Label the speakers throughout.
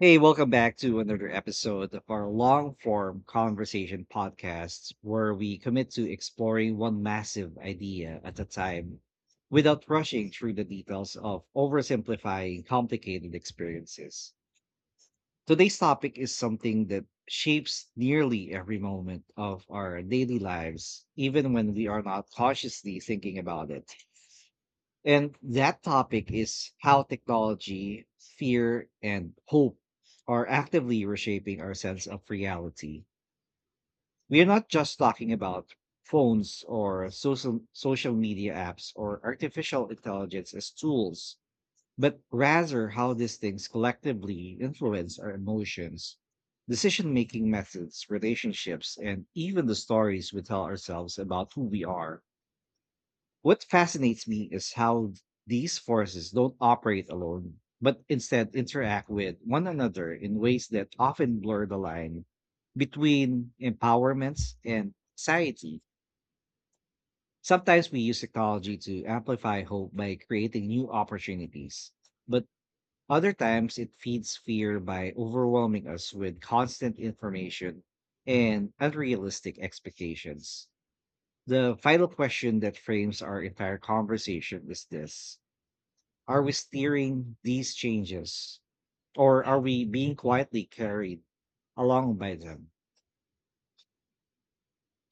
Speaker 1: Hey, welcome back to another episode of our long form conversation podcasts where we commit to exploring one massive idea at a time without rushing through the details of oversimplifying complicated experiences. Today's topic is something that shapes nearly every moment of our daily lives, even when we are not consciously thinking about it, and that topic is how technology, fear, and hope are actively reshaping our sense of reality. We are not just talking about phones or social media apps or artificial intelligence as tools, but rather how these things collectively influence our emotions, decision making methods, relationships, and even the stories we tell ourselves about who we are. What fascinates me is how these forces don't operate alone, but instead interact with one another in ways that often blur the line between empowerments and anxiety. Sometimes we use technology to amplify hope by creating new opportunities, but other times it feeds fear by overwhelming us with constant information and unrealistic expectations. The final question that frames our entire conversation is this: are we steering these changes? Or are we being quietly carried along by them?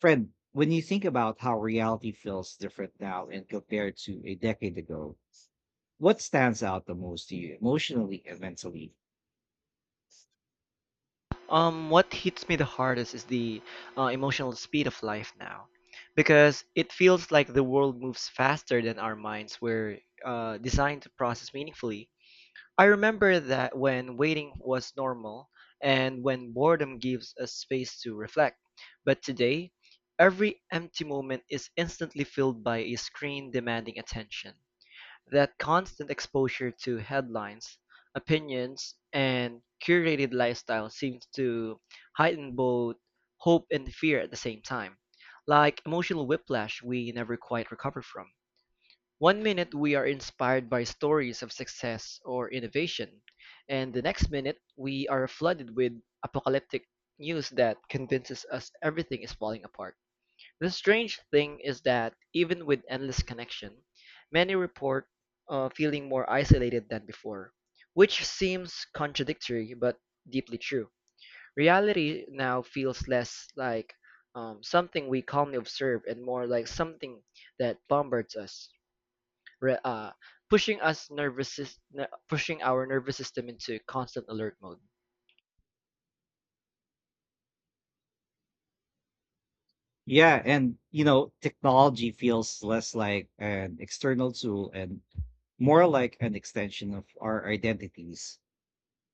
Speaker 1: Fred, when you think about how reality feels different now and compared to a decade ago, what stands out the most to you emotionally and mentally?
Speaker 2: What hits me the hardest is the emotional speed of life now, because it feels like the world moves faster than our minds were designed to process meaningfully. I remember that when waiting was normal and when boredom gives us space to reflect. But today, every empty moment is instantly filled by a screen demanding attention. That constant exposure to headlines, opinions, and curated lifestyle seems to heighten both hope and fear at the same time, like emotional whiplash we never quite recover from. One minute we are inspired by stories of success or innovation, and the next minute we are flooded with apocalyptic news that convinces us everything is falling apart. The strange thing is that even with endless connection, many report feeling more isolated than before, which seems contradictory but deeply true. Reality now feels less like something we calmly observe and more like something that bombards us, re- uh, pushing us pushing our nervous system into constant alert mode.
Speaker 1: Yeah, and you know, technology feels less like an external tool and more like an extension of our identities,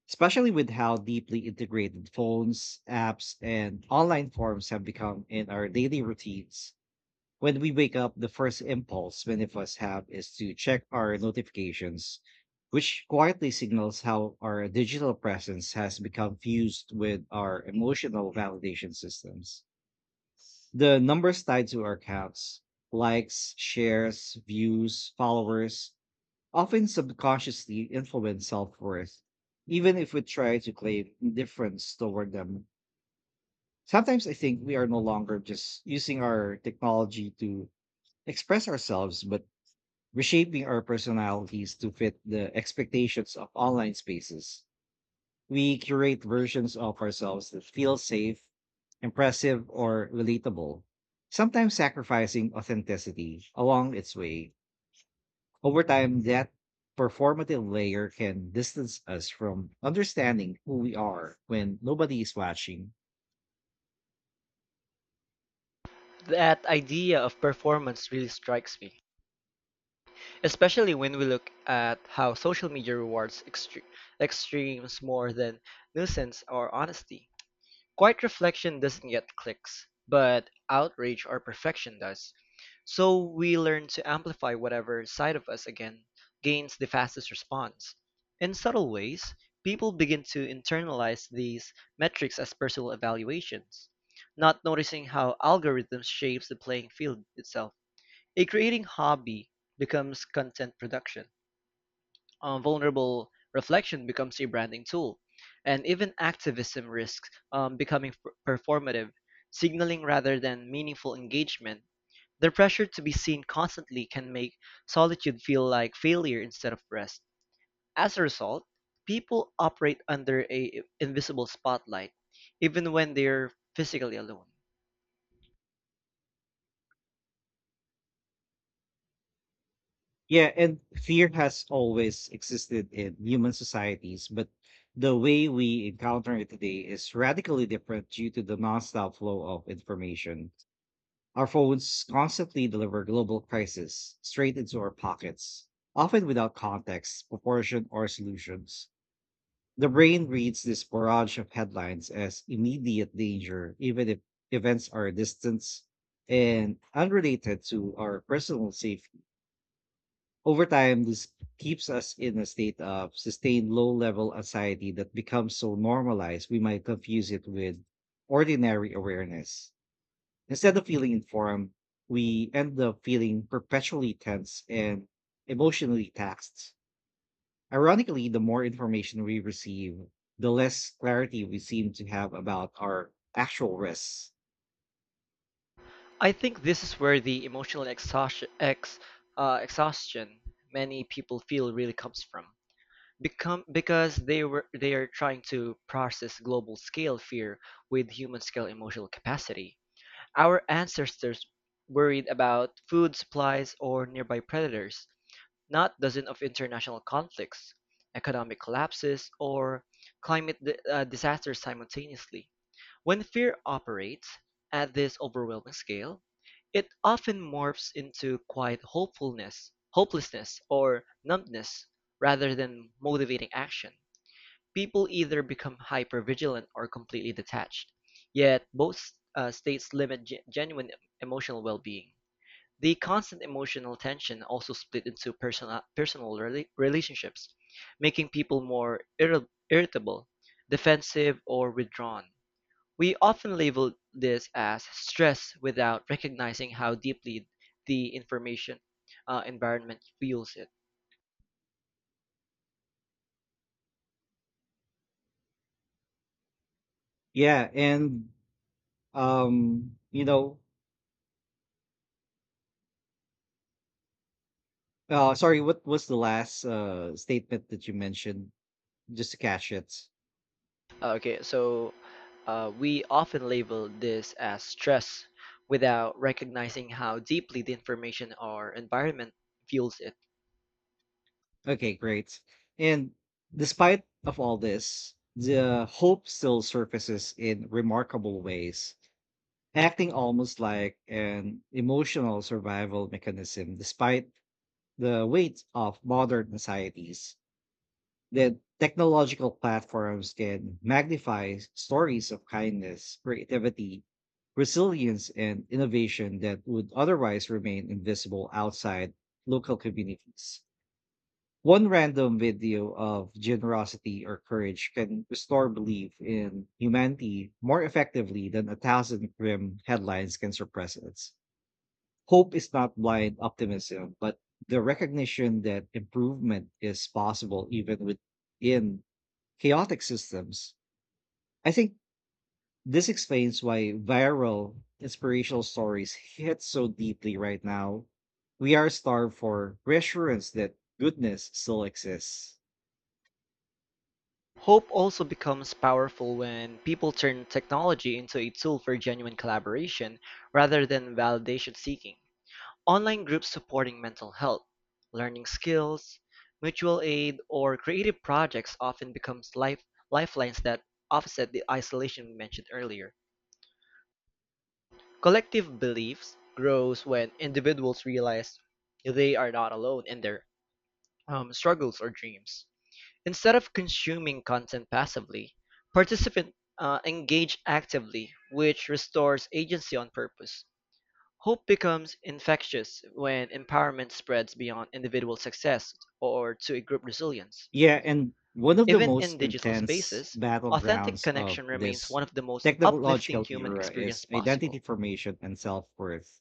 Speaker 1: especially with how deeply integrated phones, apps, and online forums have become in our daily routines. When we wake up, the first impulse many of us have is to check our notifications, which quietly signals how our digital presence has become fused with our emotional validation systems. The numbers tied to our accounts, likes, shares, views, followers, often subconsciously influence self worth, even if we try to claim indifference toward them. Sometimes I think we are no longer just using our technology to express ourselves, but reshaping our personalities to fit the expectations of online spaces. We curate versions of ourselves that feel safe, impressive, or relatable, sometimes sacrificing authenticity along its way. Over time, that performative layer can distance us from understanding who we are when nobody is watching.
Speaker 2: That idea of performance really strikes me, especially when we look at how social media rewards extremes more than nuisance or honesty. Quiet reflection doesn't get clicks, but outrage or perfection does. So we learn to amplify whatever side of us again gains the fastest response. In subtle ways, people begin to internalize these metrics as personal evaluations, not noticing how algorithms shapes the playing field itself. A creating hobby becomes content production, vulnerable reflection becomes a branding tool, and even activism risks becoming performative, signaling rather than meaningful engagement. The pressure to be seen constantly can make solitude feel like failure instead of rest. As a result, people operate under a invisible spotlight, even when they're physically alone.
Speaker 1: Yeah, and fear has always existed in human societies, but the way we encounter it today is radically different due to the nonstop flow of information. Our phones constantly deliver global crisis straight into our pockets, often without context, proportion, or solutions. The brain reads this barrage of headlines as immediate danger, even if events are distant and unrelated to our personal safety. Over time, this keeps us in a state of sustained low level anxiety that becomes so normalized we might confuse it with ordinary awareness. Instead of feeling informed, we end up feeling perpetually tense and emotionally taxed. Ironically, the more information we receive, the less clarity we seem to have about our actual risks.
Speaker 2: I think this is where the exhaustion many people feel really comes from. Become because they were they are trying to process global scale fear with human scale emotional capacity. Our ancestors worried about food supplies or nearby predators, not dozens of international conflicts, economic collapses, or disasters simultaneously. When fear operates at this overwhelming scale, it often morphs into quiet hopelessness, or numbness rather than motivating action. People either become hypervigilant or completely detached, yet both states limit genuine emotional well being. The constant emotional tension also split into personal relationships, making people more irritable, defensive, or withdrawn. We often label this as stress without recognizing how deeply the information environment fuels it.
Speaker 1: Yeah, and you know, sorry, what was the last statement that you mentioned? Just to catch it.
Speaker 2: Okay, so we often label this as stress without recognizing how deeply the information or environment fuels it.
Speaker 1: Okay, great. And despite of all this, the hope still surfaces in remarkable ways, acting almost like an emotional survival mechanism, despite the weight of modern societies. That technological platforms can magnify stories of kindness, creativity, resilience, and innovation that would otherwise remain invisible outside local communities. One random video of generosity or courage can restore belief in humanity more effectively than a thousand grim headlines can suppress it. Hope is not blind optimism, but the recognition that improvement is possible even within chaotic systems. I think this explains why viral inspirational stories hit so deeply right now. We are starved for reassurance that goodness still exists.
Speaker 2: Hope also becomes powerful when people turn technology into a tool for genuine collaboration rather than validation seeking. Online groups supporting mental health, learning skills, mutual aid, or creative projects often becomes lifelines that offset the isolation we mentioned earlier. Collective beliefs grows when individuals realize they are not alone in their struggles or dreams. Instead of consuming content passively, participants engage actively, which restores agency on purpose. Hope becomes infectious when empowerment spreads beyond individual success or to a group resilience.
Speaker 1: Yeah, and one of the
Speaker 2: Even in
Speaker 1: most
Speaker 2: digital
Speaker 1: intense
Speaker 2: spaces, authentic
Speaker 1: battlegrounds of
Speaker 2: connection remains
Speaker 1: this
Speaker 2: one of the most uplifting
Speaker 1: technological
Speaker 2: human
Speaker 1: era
Speaker 2: experience
Speaker 1: is identity
Speaker 2: possible.
Speaker 1: formation and self worth,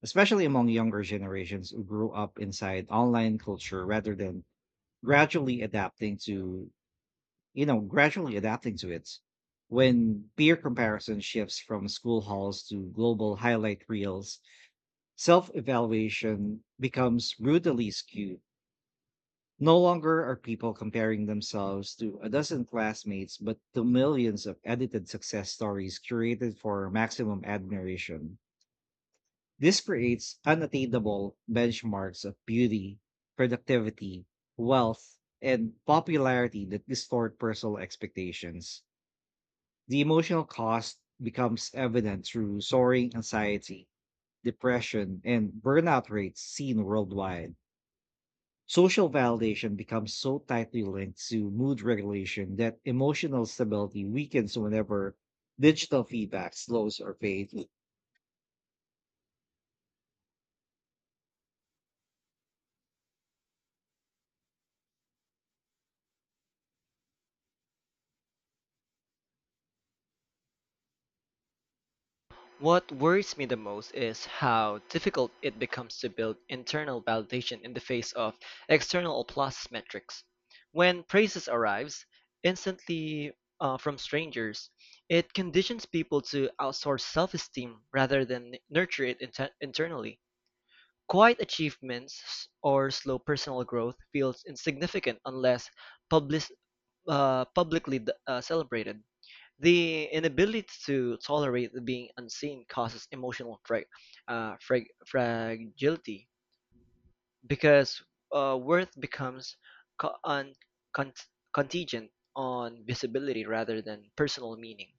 Speaker 1: especially among younger generations who grew up inside online culture rather than gradually adapting to gradually adapting to it. When peer comparison shifts from school halls to global highlight reels, self evaluation becomes brutally skewed. No longer are people comparing themselves to a dozen classmates, but to millions of edited success stories curated for maximum admiration. This creates unattainable benchmarks of beauty, productivity, wealth, and popularity that distort personal expectations. The emotional cost becomes evident through soaring anxiety, depression, and burnout rates seen worldwide. Social validation becomes so tightly linked to mood regulation that emotional stability weakens whenever digital feedback slows or fades.
Speaker 2: What worries me the most is how difficult it becomes to build internal validation in the face of external applause metrics. When praises arrives instantly from strangers, it conditions people to outsource self-esteem rather than nurture it internally. Quiet achievements or slow personal growth feels insignificant unless publis- publicly celebrated. The inability to tolerate being unseen causes emotional fragility because worth becomes co- un- con- contingent on visibility rather than personal meaning.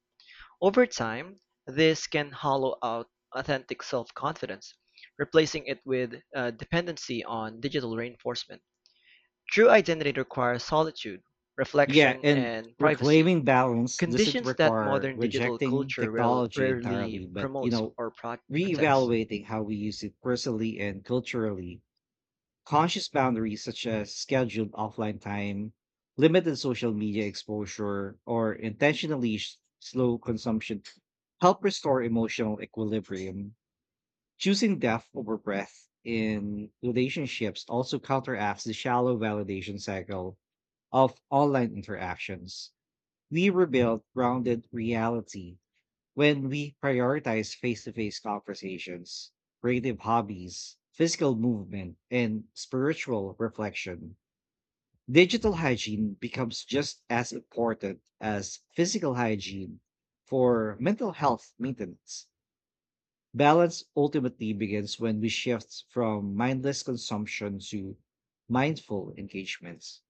Speaker 2: Over time, this can hollow out authentic self confidence, replacing it with dependency on digital reinforcement. True identity requires solitude,
Speaker 1: Yeah,
Speaker 2: reflection,
Speaker 1: and
Speaker 2: and privacy,
Speaker 1: reclaiming balance doesn't
Speaker 2: conditions that
Speaker 1: require
Speaker 2: modern digital
Speaker 1: rejecting
Speaker 2: culture
Speaker 1: technology
Speaker 2: rarely
Speaker 1: entirely, but you
Speaker 2: promotes
Speaker 1: know,
Speaker 2: or protects.
Speaker 1: reevaluating how we use it personally and culturally. Conscious boundaries such as scheduled offline time, limited social media exposure, or intentionally slow consumption help restore emotional equilibrium. Choosing depth over breadth in relationships also counteracts the shallow validation cycle of online interactions. We rebuild grounded reality when we prioritize face to face conversations, creative hobbies, physical movement, and spiritual reflection. Digital hygiene becomes just as important as physical hygiene for mental health maintenance. Balance ultimately begins when we shift from mindless consumption to mindful engagements.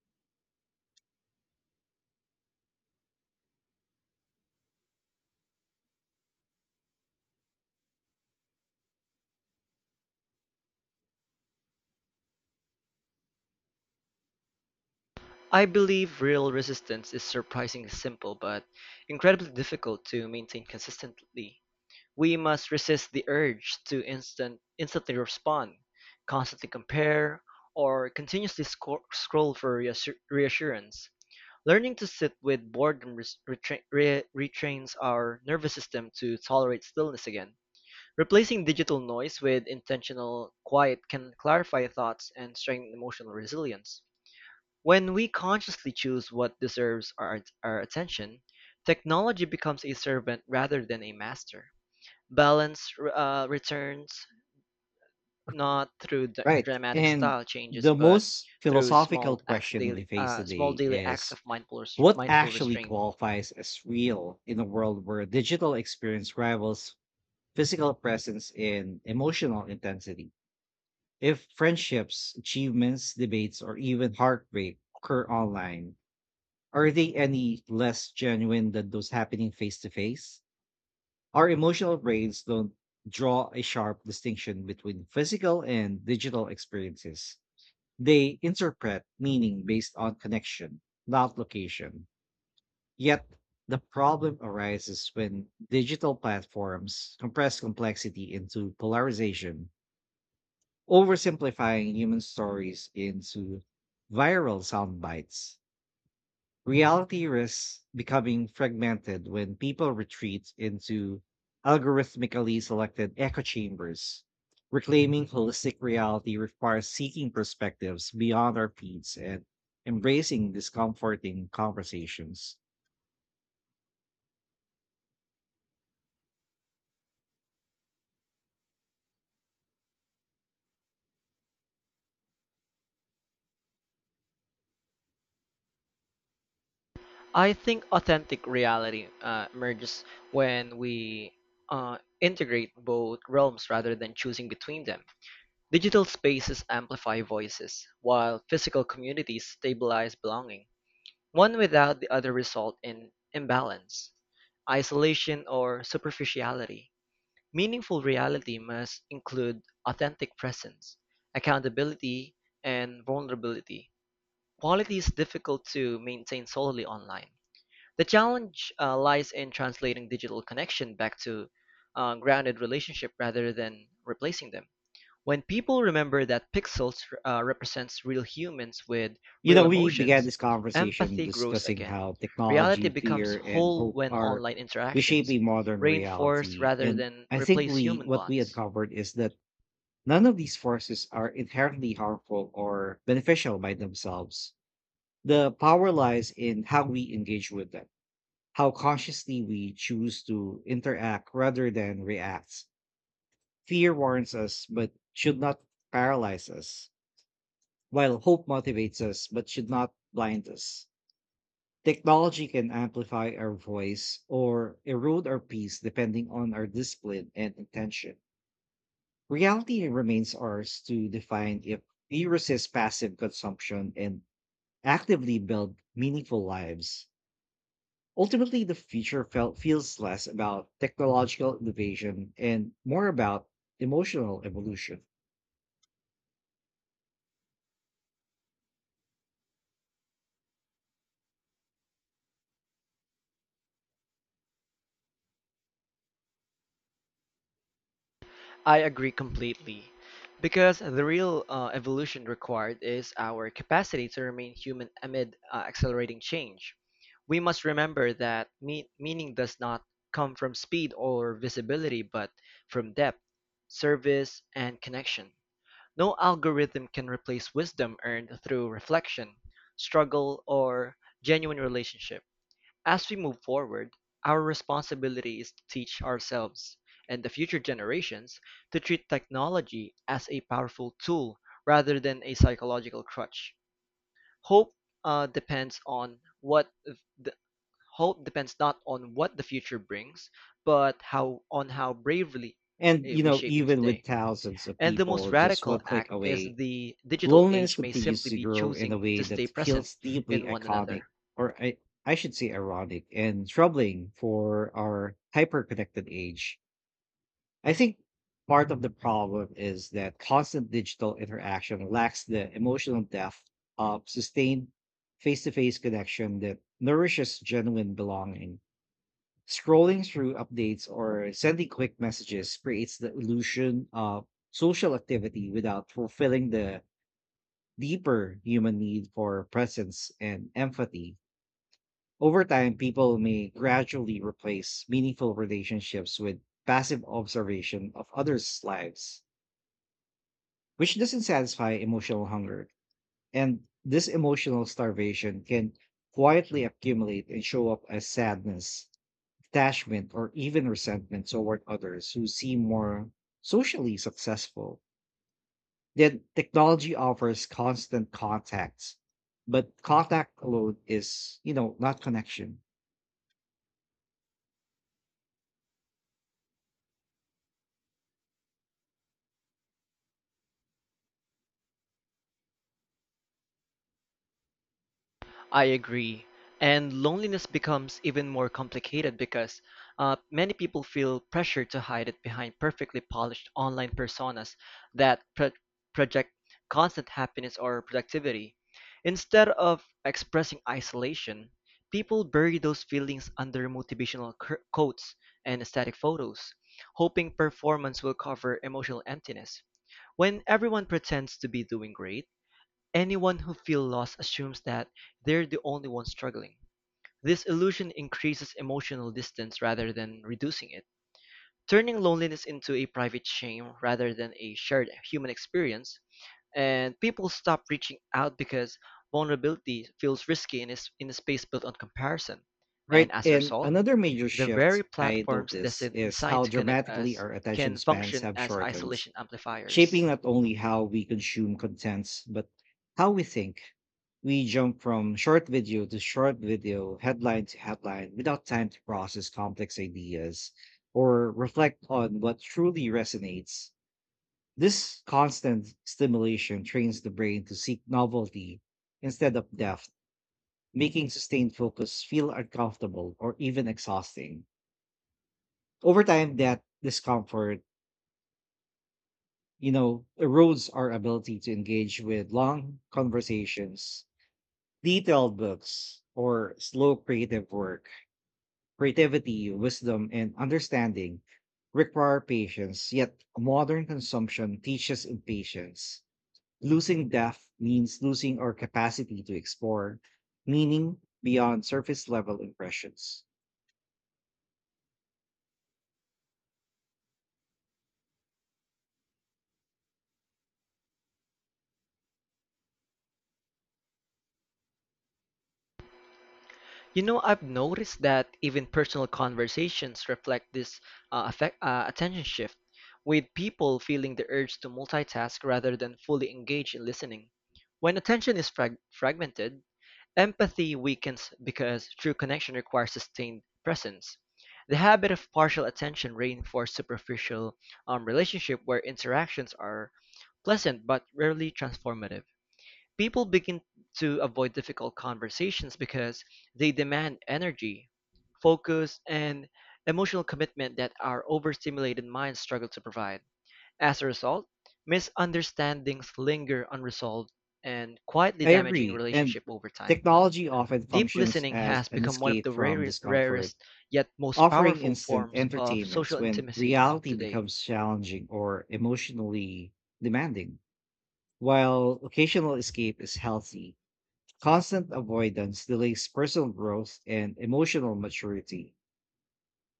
Speaker 2: I believe real resistance is surprisingly simple but incredibly difficult to maintain consistently. We must resist the urge to instantly respond, constantly compare, or continuously scroll for reassurance. Learning to sit with boredom retrains our nervous system to tolerate stillness again. Replacing digital noise with intentional quiet can clarify thoughts and strengthen emotional resilience. When we consciously choose what deserves our attention, technology becomes a servant rather than a master. Balance returns not through
Speaker 1: Right.
Speaker 2: dramatic
Speaker 1: And
Speaker 2: style changes,
Speaker 1: the
Speaker 2: but
Speaker 1: most
Speaker 2: through
Speaker 1: philosophical question we face
Speaker 2: small
Speaker 1: today
Speaker 2: daily acts
Speaker 1: is
Speaker 2: of
Speaker 1: what
Speaker 2: mindful
Speaker 1: actually
Speaker 2: restraint.
Speaker 1: qualifies as real in a world where digital experience rivals physical presence in emotional intensity? If friendships, achievements, debates, or even heart rate occur online, are they any less genuine than those happening face to face? Our emotional brains don't draw a sharp distinction between physical and digital experiences. They interpret meaning based on connection, not location. Yet, the problem arises when digital platforms compress complexity into polarization, oversimplifying human stories into viral sound bites. Reality risks becoming fragmented when people retreat into algorithmically selected echo chambers. Reclaiming holistic reality requires seeking perspectives beyond our feeds and embracing discomforting conversations.
Speaker 2: I think authentic reality emerges when we integrate both realms rather than choosing between them. Digital spaces amplify voices, while physical communities stabilize belonging. One without the other result in imbalance, isolation, or superficiality. Meaningful reality must include authentic presence, accountability, and vulnerability, qualities difficult to maintain solely online. The challenge lies in translating digital connection back to grounded relationship rather than replacing them. When people remember that pixels represents real humans with
Speaker 1: You
Speaker 2: real
Speaker 1: know, we began
Speaker 2: emotions,
Speaker 1: this conversation
Speaker 2: empathy grows
Speaker 1: discussing
Speaker 2: again.
Speaker 1: how
Speaker 2: Reality
Speaker 1: technology,
Speaker 2: becomes
Speaker 1: fear, and
Speaker 2: whole
Speaker 1: hope
Speaker 2: when
Speaker 1: are
Speaker 2: online interactions
Speaker 1: reshaping modern
Speaker 2: reinforce
Speaker 1: reality.
Speaker 2: rather
Speaker 1: And
Speaker 2: than
Speaker 1: I think
Speaker 2: replace
Speaker 1: we
Speaker 2: human
Speaker 1: what we
Speaker 2: bonds.
Speaker 1: uncovered is that none of these forces are inherently harmful or beneficial by themselves. The power lies in how we engage with them, how consciously we choose to interact rather than react. Fear warns us, but should not paralyze us, while hope motivates us, but should not blind us. Technology can amplify our voice or erode our peace depending on our discipline and intention. Reality remains ours to define if we resist passive consumption and actively build meaningful lives. Ultimately, the future felt feels less about technological innovation and more about emotional evolution.
Speaker 2: I agree completely. Because the real evolution required is our capacity to remain human amid accelerating change. We must remember that meaning does not come from speed or visibility, but from depth, service, and connection. No algorithm can replace wisdom earned through reflection, struggle, or genuine relationship. As we move forward, our responsibility is to teach ourselves and the future generations to treat technology as a powerful tool rather than a psychological crutch. Hope uh, depends on what the, Hope depends not on what the future brings, but how on how bravely
Speaker 1: And you
Speaker 2: we
Speaker 1: know,
Speaker 2: shape it
Speaker 1: even with
Speaker 2: today.
Speaker 1: thousands of
Speaker 2: And the most
Speaker 1: people just
Speaker 2: radical
Speaker 1: one click
Speaker 2: act is
Speaker 1: away,
Speaker 2: the digital
Speaker 1: loneliness
Speaker 2: age may
Speaker 1: continues
Speaker 2: simply
Speaker 1: to
Speaker 2: be
Speaker 1: grow in a
Speaker 2: choosing
Speaker 1: way
Speaker 2: to stay
Speaker 1: that
Speaker 2: present
Speaker 1: feels deeply
Speaker 2: in one
Speaker 1: iconic,
Speaker 2: another.
Speaker 1: or I, I should say ironic and troubling for our hyper-connected age. I think part of the problem is that constant digital interaction lacks the emotional depth of sustained face to face connection that nourishes genuine belonging. Scrolling through updates or sending quick messages creates the illusion of social activity without fulfilling the deeper human need for presence and empathy. Over time, people may gradually replace meaningful relationships with passive observation of others' lives, which doesn't satisfy emotional hunger. And this emotional starvation can quietly accumulate and show up as sadness, detachment, or even resentment toward others who seem more socially successful. Then technology offers constant contacts, but contact alone is, you know, not connection.
Speaker 2: I agree. And loneliness becomes even more complicated because many people feel pressure to hide it behind perfectly polished online personas that project constant happiness or productivity. Instead of expressing isolation, people bury those feelings under motivational quotes and aesthetic photos, hoping performance will cover emotional emptiness. When everyone pretends to be doing great, anyone who feels lost assumes that they're the only one struggling. This illusion increases emotional distance rather than reducing it, turning loneliness into a private shame rather than a shared human experience. And people stop reaching out because vulnerability feels risky in in a space built on comparison. And
Speaker 1: Right.
Speaker 2: as a
Speaker 1: And
Speaker 2: result,
Speaker 1: another major
Speaker 2: the very
Speaker 1: shift I
Speaker 2: platforms
Speaker 1: notice is
Speaker 2: designed
Speaker 1: how
Speaker 2: to connect
Speaker 1: dramatically
Speaker 2: us
Speaker 1: our attention
Speaker 2: can
Speaker 1: spans
Speaker 2: function
Speaker 1: have
Speaker 2: as
Speaker 1: shortened,
Speaker 2: isolation amplifiers.
Speaker 1: shaping not only how we consume contents, but how we think. We jump from short video to short video, headline to headline, without time to process complex ideas or reflect on what truly resonates. This constant stimulation trains the brain to seek novelty instead of depth, making sustained focus feel uncomfortable or even exhausting. Over time, that discomfort, you know, erodes our ability to engage with long conversations, detailed books, or slow creative work. Creativity, wisdom, and understanding require patience, yet modern consumption teaches impatience. Losing depth means losing our capacity to explore meaning beyond surface level impressions.
Speaker 2: You know, I've noticed that even personal conversations reflect this attention shift, with people feeling the urge to multitask rather than fully engage in listening. When attention is fragmented, empathy weakens because true connection requires sustained presence. The habit of partial attention reinforces superficial relationship where interactions are pleasant but rarely transformative. People begin to avoid difficult conversations because they demand energy, focus, and emotional commitment that our overstimulated minds struggle to provide. As a result, misunderstandings linger unresolved and quietly
Speaker 1: I
Speaker 2: damaging
Speaker 1: agree. And
Speaker 2: relationship over time.
Speaker 1: technology often
Speaker 2: Deep
Speaker 1: functions
Speaker 2: listening
Speaker 1: as
Speaker 2: has
Speaker 1: an
Speaker 2: become one of the
Speaker 1: escape from discomfort,
Speaker 2: rarest yet most
Speaker 1: offering
Speaker 2: powerful
Speaker 1: instant
Speaker 2: forms of
Speaker 1: entertainments
Speaker 2: social
Speaker 1: when
Speaker 2: intimacy
Speaker 1: reality
Speaker 2: today.
Speaker 1: becomes challenging or emotionally demanding. While occasional escape is healthy, constant avoidance delays personal growth and emotional maturity.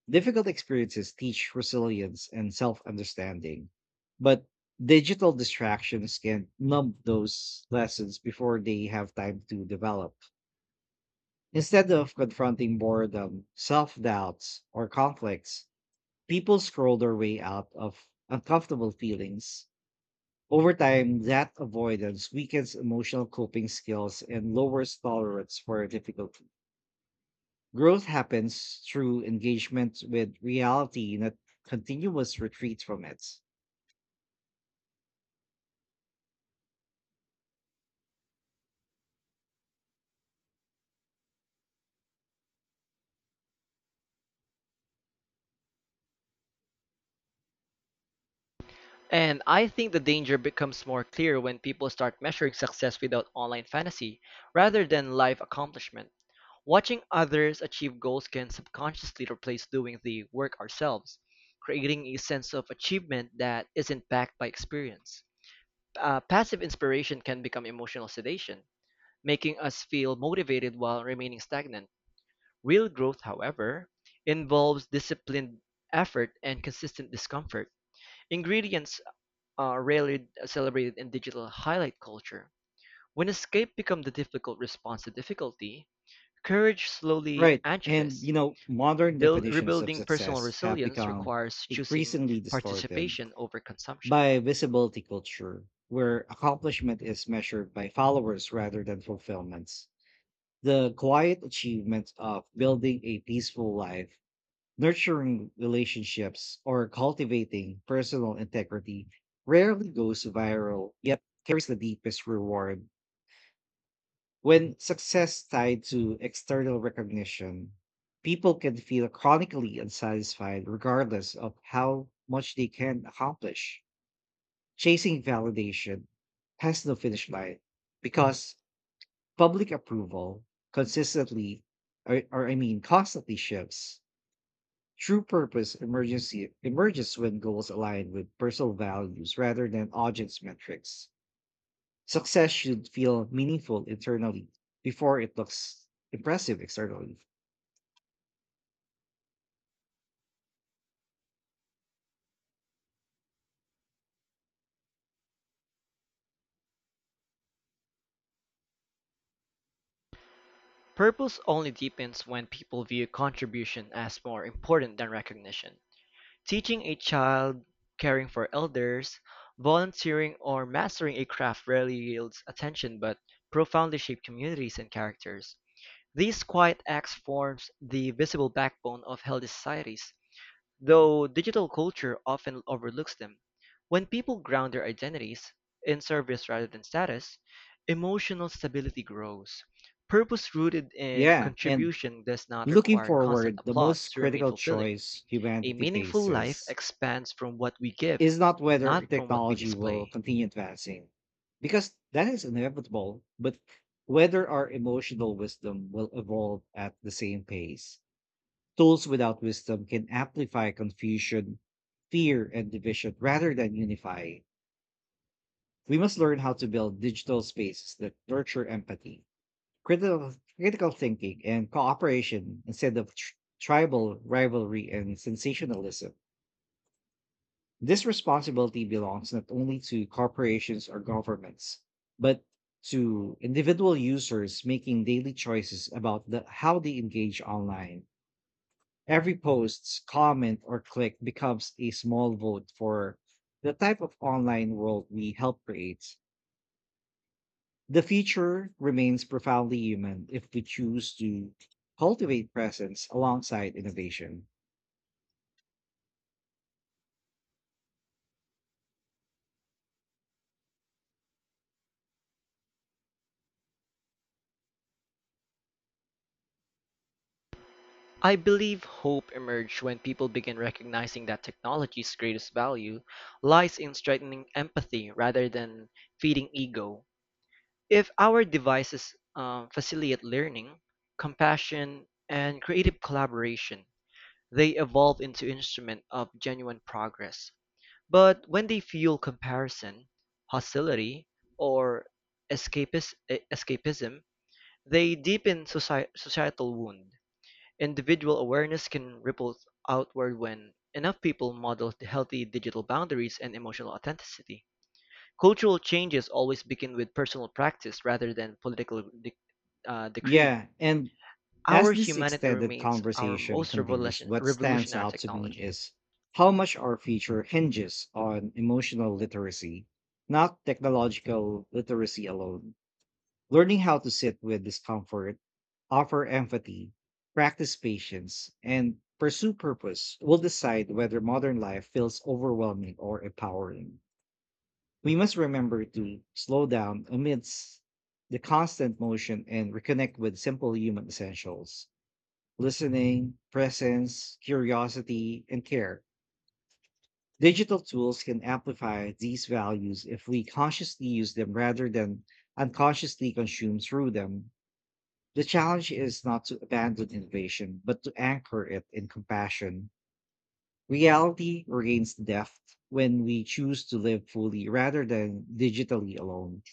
Speaker 1: Difficult experiences teach resilience and self understanding, but digital distractions can numb those lessons before they have time to develop. Instead of confronting boredom, self doubts, or conflicts, people scroll their way out of uncomfortable feelings. Over time, that avoidance weakens emotional coping skills and lowers tolerance for difficulty. Growth happens through engagement with reality, not continuous retreat from it.
Speaker 2: And I think the danger becomes more clear when people start measuring success without online fantasy rather than life accomplishment. Watching others achieve goals can subconsciously replace doing the work ourselves, creating a sense of achievement that isn't backed by experience. Passive inspiration can become emotional sedation, making us feel motivated while remaining stagnant. Real growth, however, involves disciplined effort and consistent discomfort. Ingredients are rarely celebrated in digital highlight culture. When escape becomes the difficult response to difficulty, courage slowly
Speaker 1: Right. And,
Speaker 2: atrophies.
Speaker 1: you know, modern definitions of
Speaker 2: Rebuilding personal
Speaker 1: success have
Speaker 2: resilience
Speaker 1: become
Speaker 2: requires choosing
Speaker 1: increasingly distorted
Speaker 2: participation over consumption.
Speaker 1: by visibility culture, where accomplishment is measured by followers rather than fulfillments. The quiet achievement of building a peaceful life, nurturing relationships, or cultivating personal integrity rarely goes viral, yet carries the deepest reward. When success tied to external recognition, people can feel chronically unsatisfied regardless of how much they can accomplish. Chasing validation has no finish line because public approval consistently or I mean constantly shifts. True purpose emergency emerges when goals align with personal values rather than audience metrics. Success should feel meaningful internally before it looks impressive externally.
Speaker 2: Purpose only deepens when people view contribution as more important than recognition. Teaching a child, caring for elders, volunteering, or mastering a craft rarely yields attention but profoundly shape communities and characters. These quiet acts forms the visible backbone of healthy societies, though digital culture often overlooks them. When people ground their identities in service rather than status, emotional stability grows. Purpose rooted in
Speaker 1: Yeah, and
Speaker 2: contribution does not
Speaker 1: looking
Speaker 2: require constant
Speaker 1: forward, the
Speaker 2: applause
Speaker 1: most
Speaker 2: to remain
Speaker 1: critical
Speaker 2: fulfilling.
Speaker 1: choice
Speaker 2: A
Speaker 1: humanity
Speaker 2: meaningful life
Speaker 1: faces
Speaker 2: expands from what we give,
Speaker 1: is not whether
Speaker 2: not from what we
Speaker 1: technology will
Speaker 2: display.
Speaker 1: continue advancing, because that is inevitable, but whether our emotional wisdom will evolve at the same pace. Tools without wisdom can amplify confusion, fear, and division rather than unify. We must learn how to build digital spaces that nurture empathy, critical thinking, and cooperation instead of tribal rivalry and sensationalism. This responsibility belongs not only to corporations or governments, but to individual users making daily choices about how they engage online. Every post, comment, or click becomes a small vote for the type of online world we help create. The future remains profoundly human if we choose to cultivate presence alongside innovation.
Speaker 2: I believe hope emerged when people begin recognizing that technology's greatest value lies in strengthening empathy rather than feeding ego. If our devices facilitate learning, compassion, and creative collaboration, they evolve into instruments of genuine progress. But when they fuel comparison, hostility, or escapism, they deepen societal wound; individual awareness can ripple outward when enough people model healthy digital boundaries and emotional authenticity. Cultural changes always begin with personal practice rather than decree.
Speaker 1: Yeah, and
Speaker 2: Our
Speaker 1: as this
Speaker 2: humanity
Speaker 1: extended
Speaker 2: remains our
Speaker 1: conversation
Speaker 2: most
Speaker 1: continues, what stands
Speaker 2: revolutionary
Speaker 1: out to me
Speaker 2: technology.
Speaker 1: is how much our future hinges on emotional literacy, not technological literacy alone. Learning how to sit with discomfort, offer empathy, practice patience, and pursue purpose will decide whether modern life feels overwhelming or empowering. We must remember to slow down amidst the constant motion and reconnect with simple human essentials: listening, presence, curiosity, and care. Digital tools can amplify these values if we consciously use them rather than unconsciously consume through them. The challenge is not to abandon innovation, but to anchor it in compassion. Reality regains depth when we choose to live fully rather than digitally alone.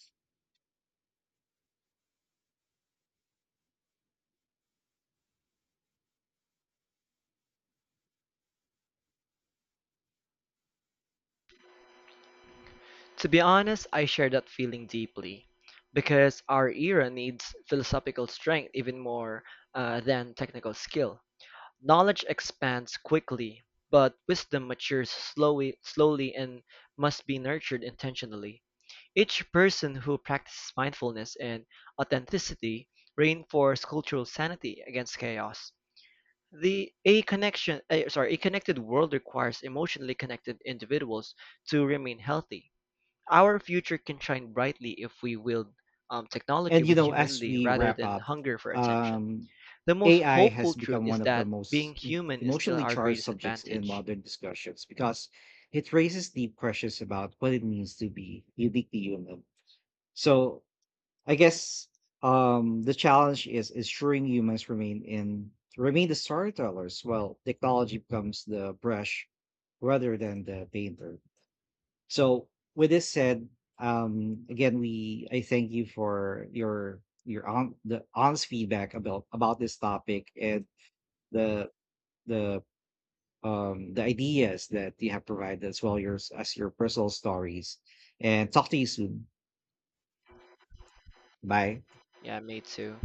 Speaker 2: To be honest, I share that feeling deeply because our era needs philosophical strength even more than technical skill. Knowledge expands quickly, but wisdom matures slowly and must be nurtured intentionally. Each person who practices mindfulness and authenticity reinforces cultural sanity against chaos. The a connection, eh, sorry, a connected world requires emotionally connected individuals to remain healthy. Our future can shine brightly if we wield technology
Speaker 1: And you
Speaker 2: with
Speaker 1: know, as
Speaker 2: humility
Speaker 1: we
Speaker 2: rather
Speaker 1: wrap
Speaker 2: than
Speaker 1: up,
Speaker 2: hunger for attention.
Speaker 1: um,
Speaker 2: The most
Speaker 1: AI
Speaker 2: hopeful
Speaker 1: has
Speaker 2: truth
Speaker 1: become
Speaker 2: is
Speaker 1: one of the
Speaker 2: that being
Speaker 1: most
Speaker 2: human is still
Speaker 1: emotionally
Speaker 2: our
Speaker 1: charged
Speaker 2: greatest
Speaker 1: subjects in
Speaker 2: advantage.
Speaker 1: modern discussions because it raises deep questions about what it means to be uniquely human. So I guess the challenge is ensuring humans remain the storytellers while technology becomes the brush rather than the painter. So with this said, again, we I thank you for your on the honest feedback about this topic and the the the ideas that you have provided as well yours as your personal stories. And talk to you soon. Bye.
Speaker 2: Yeah, me too.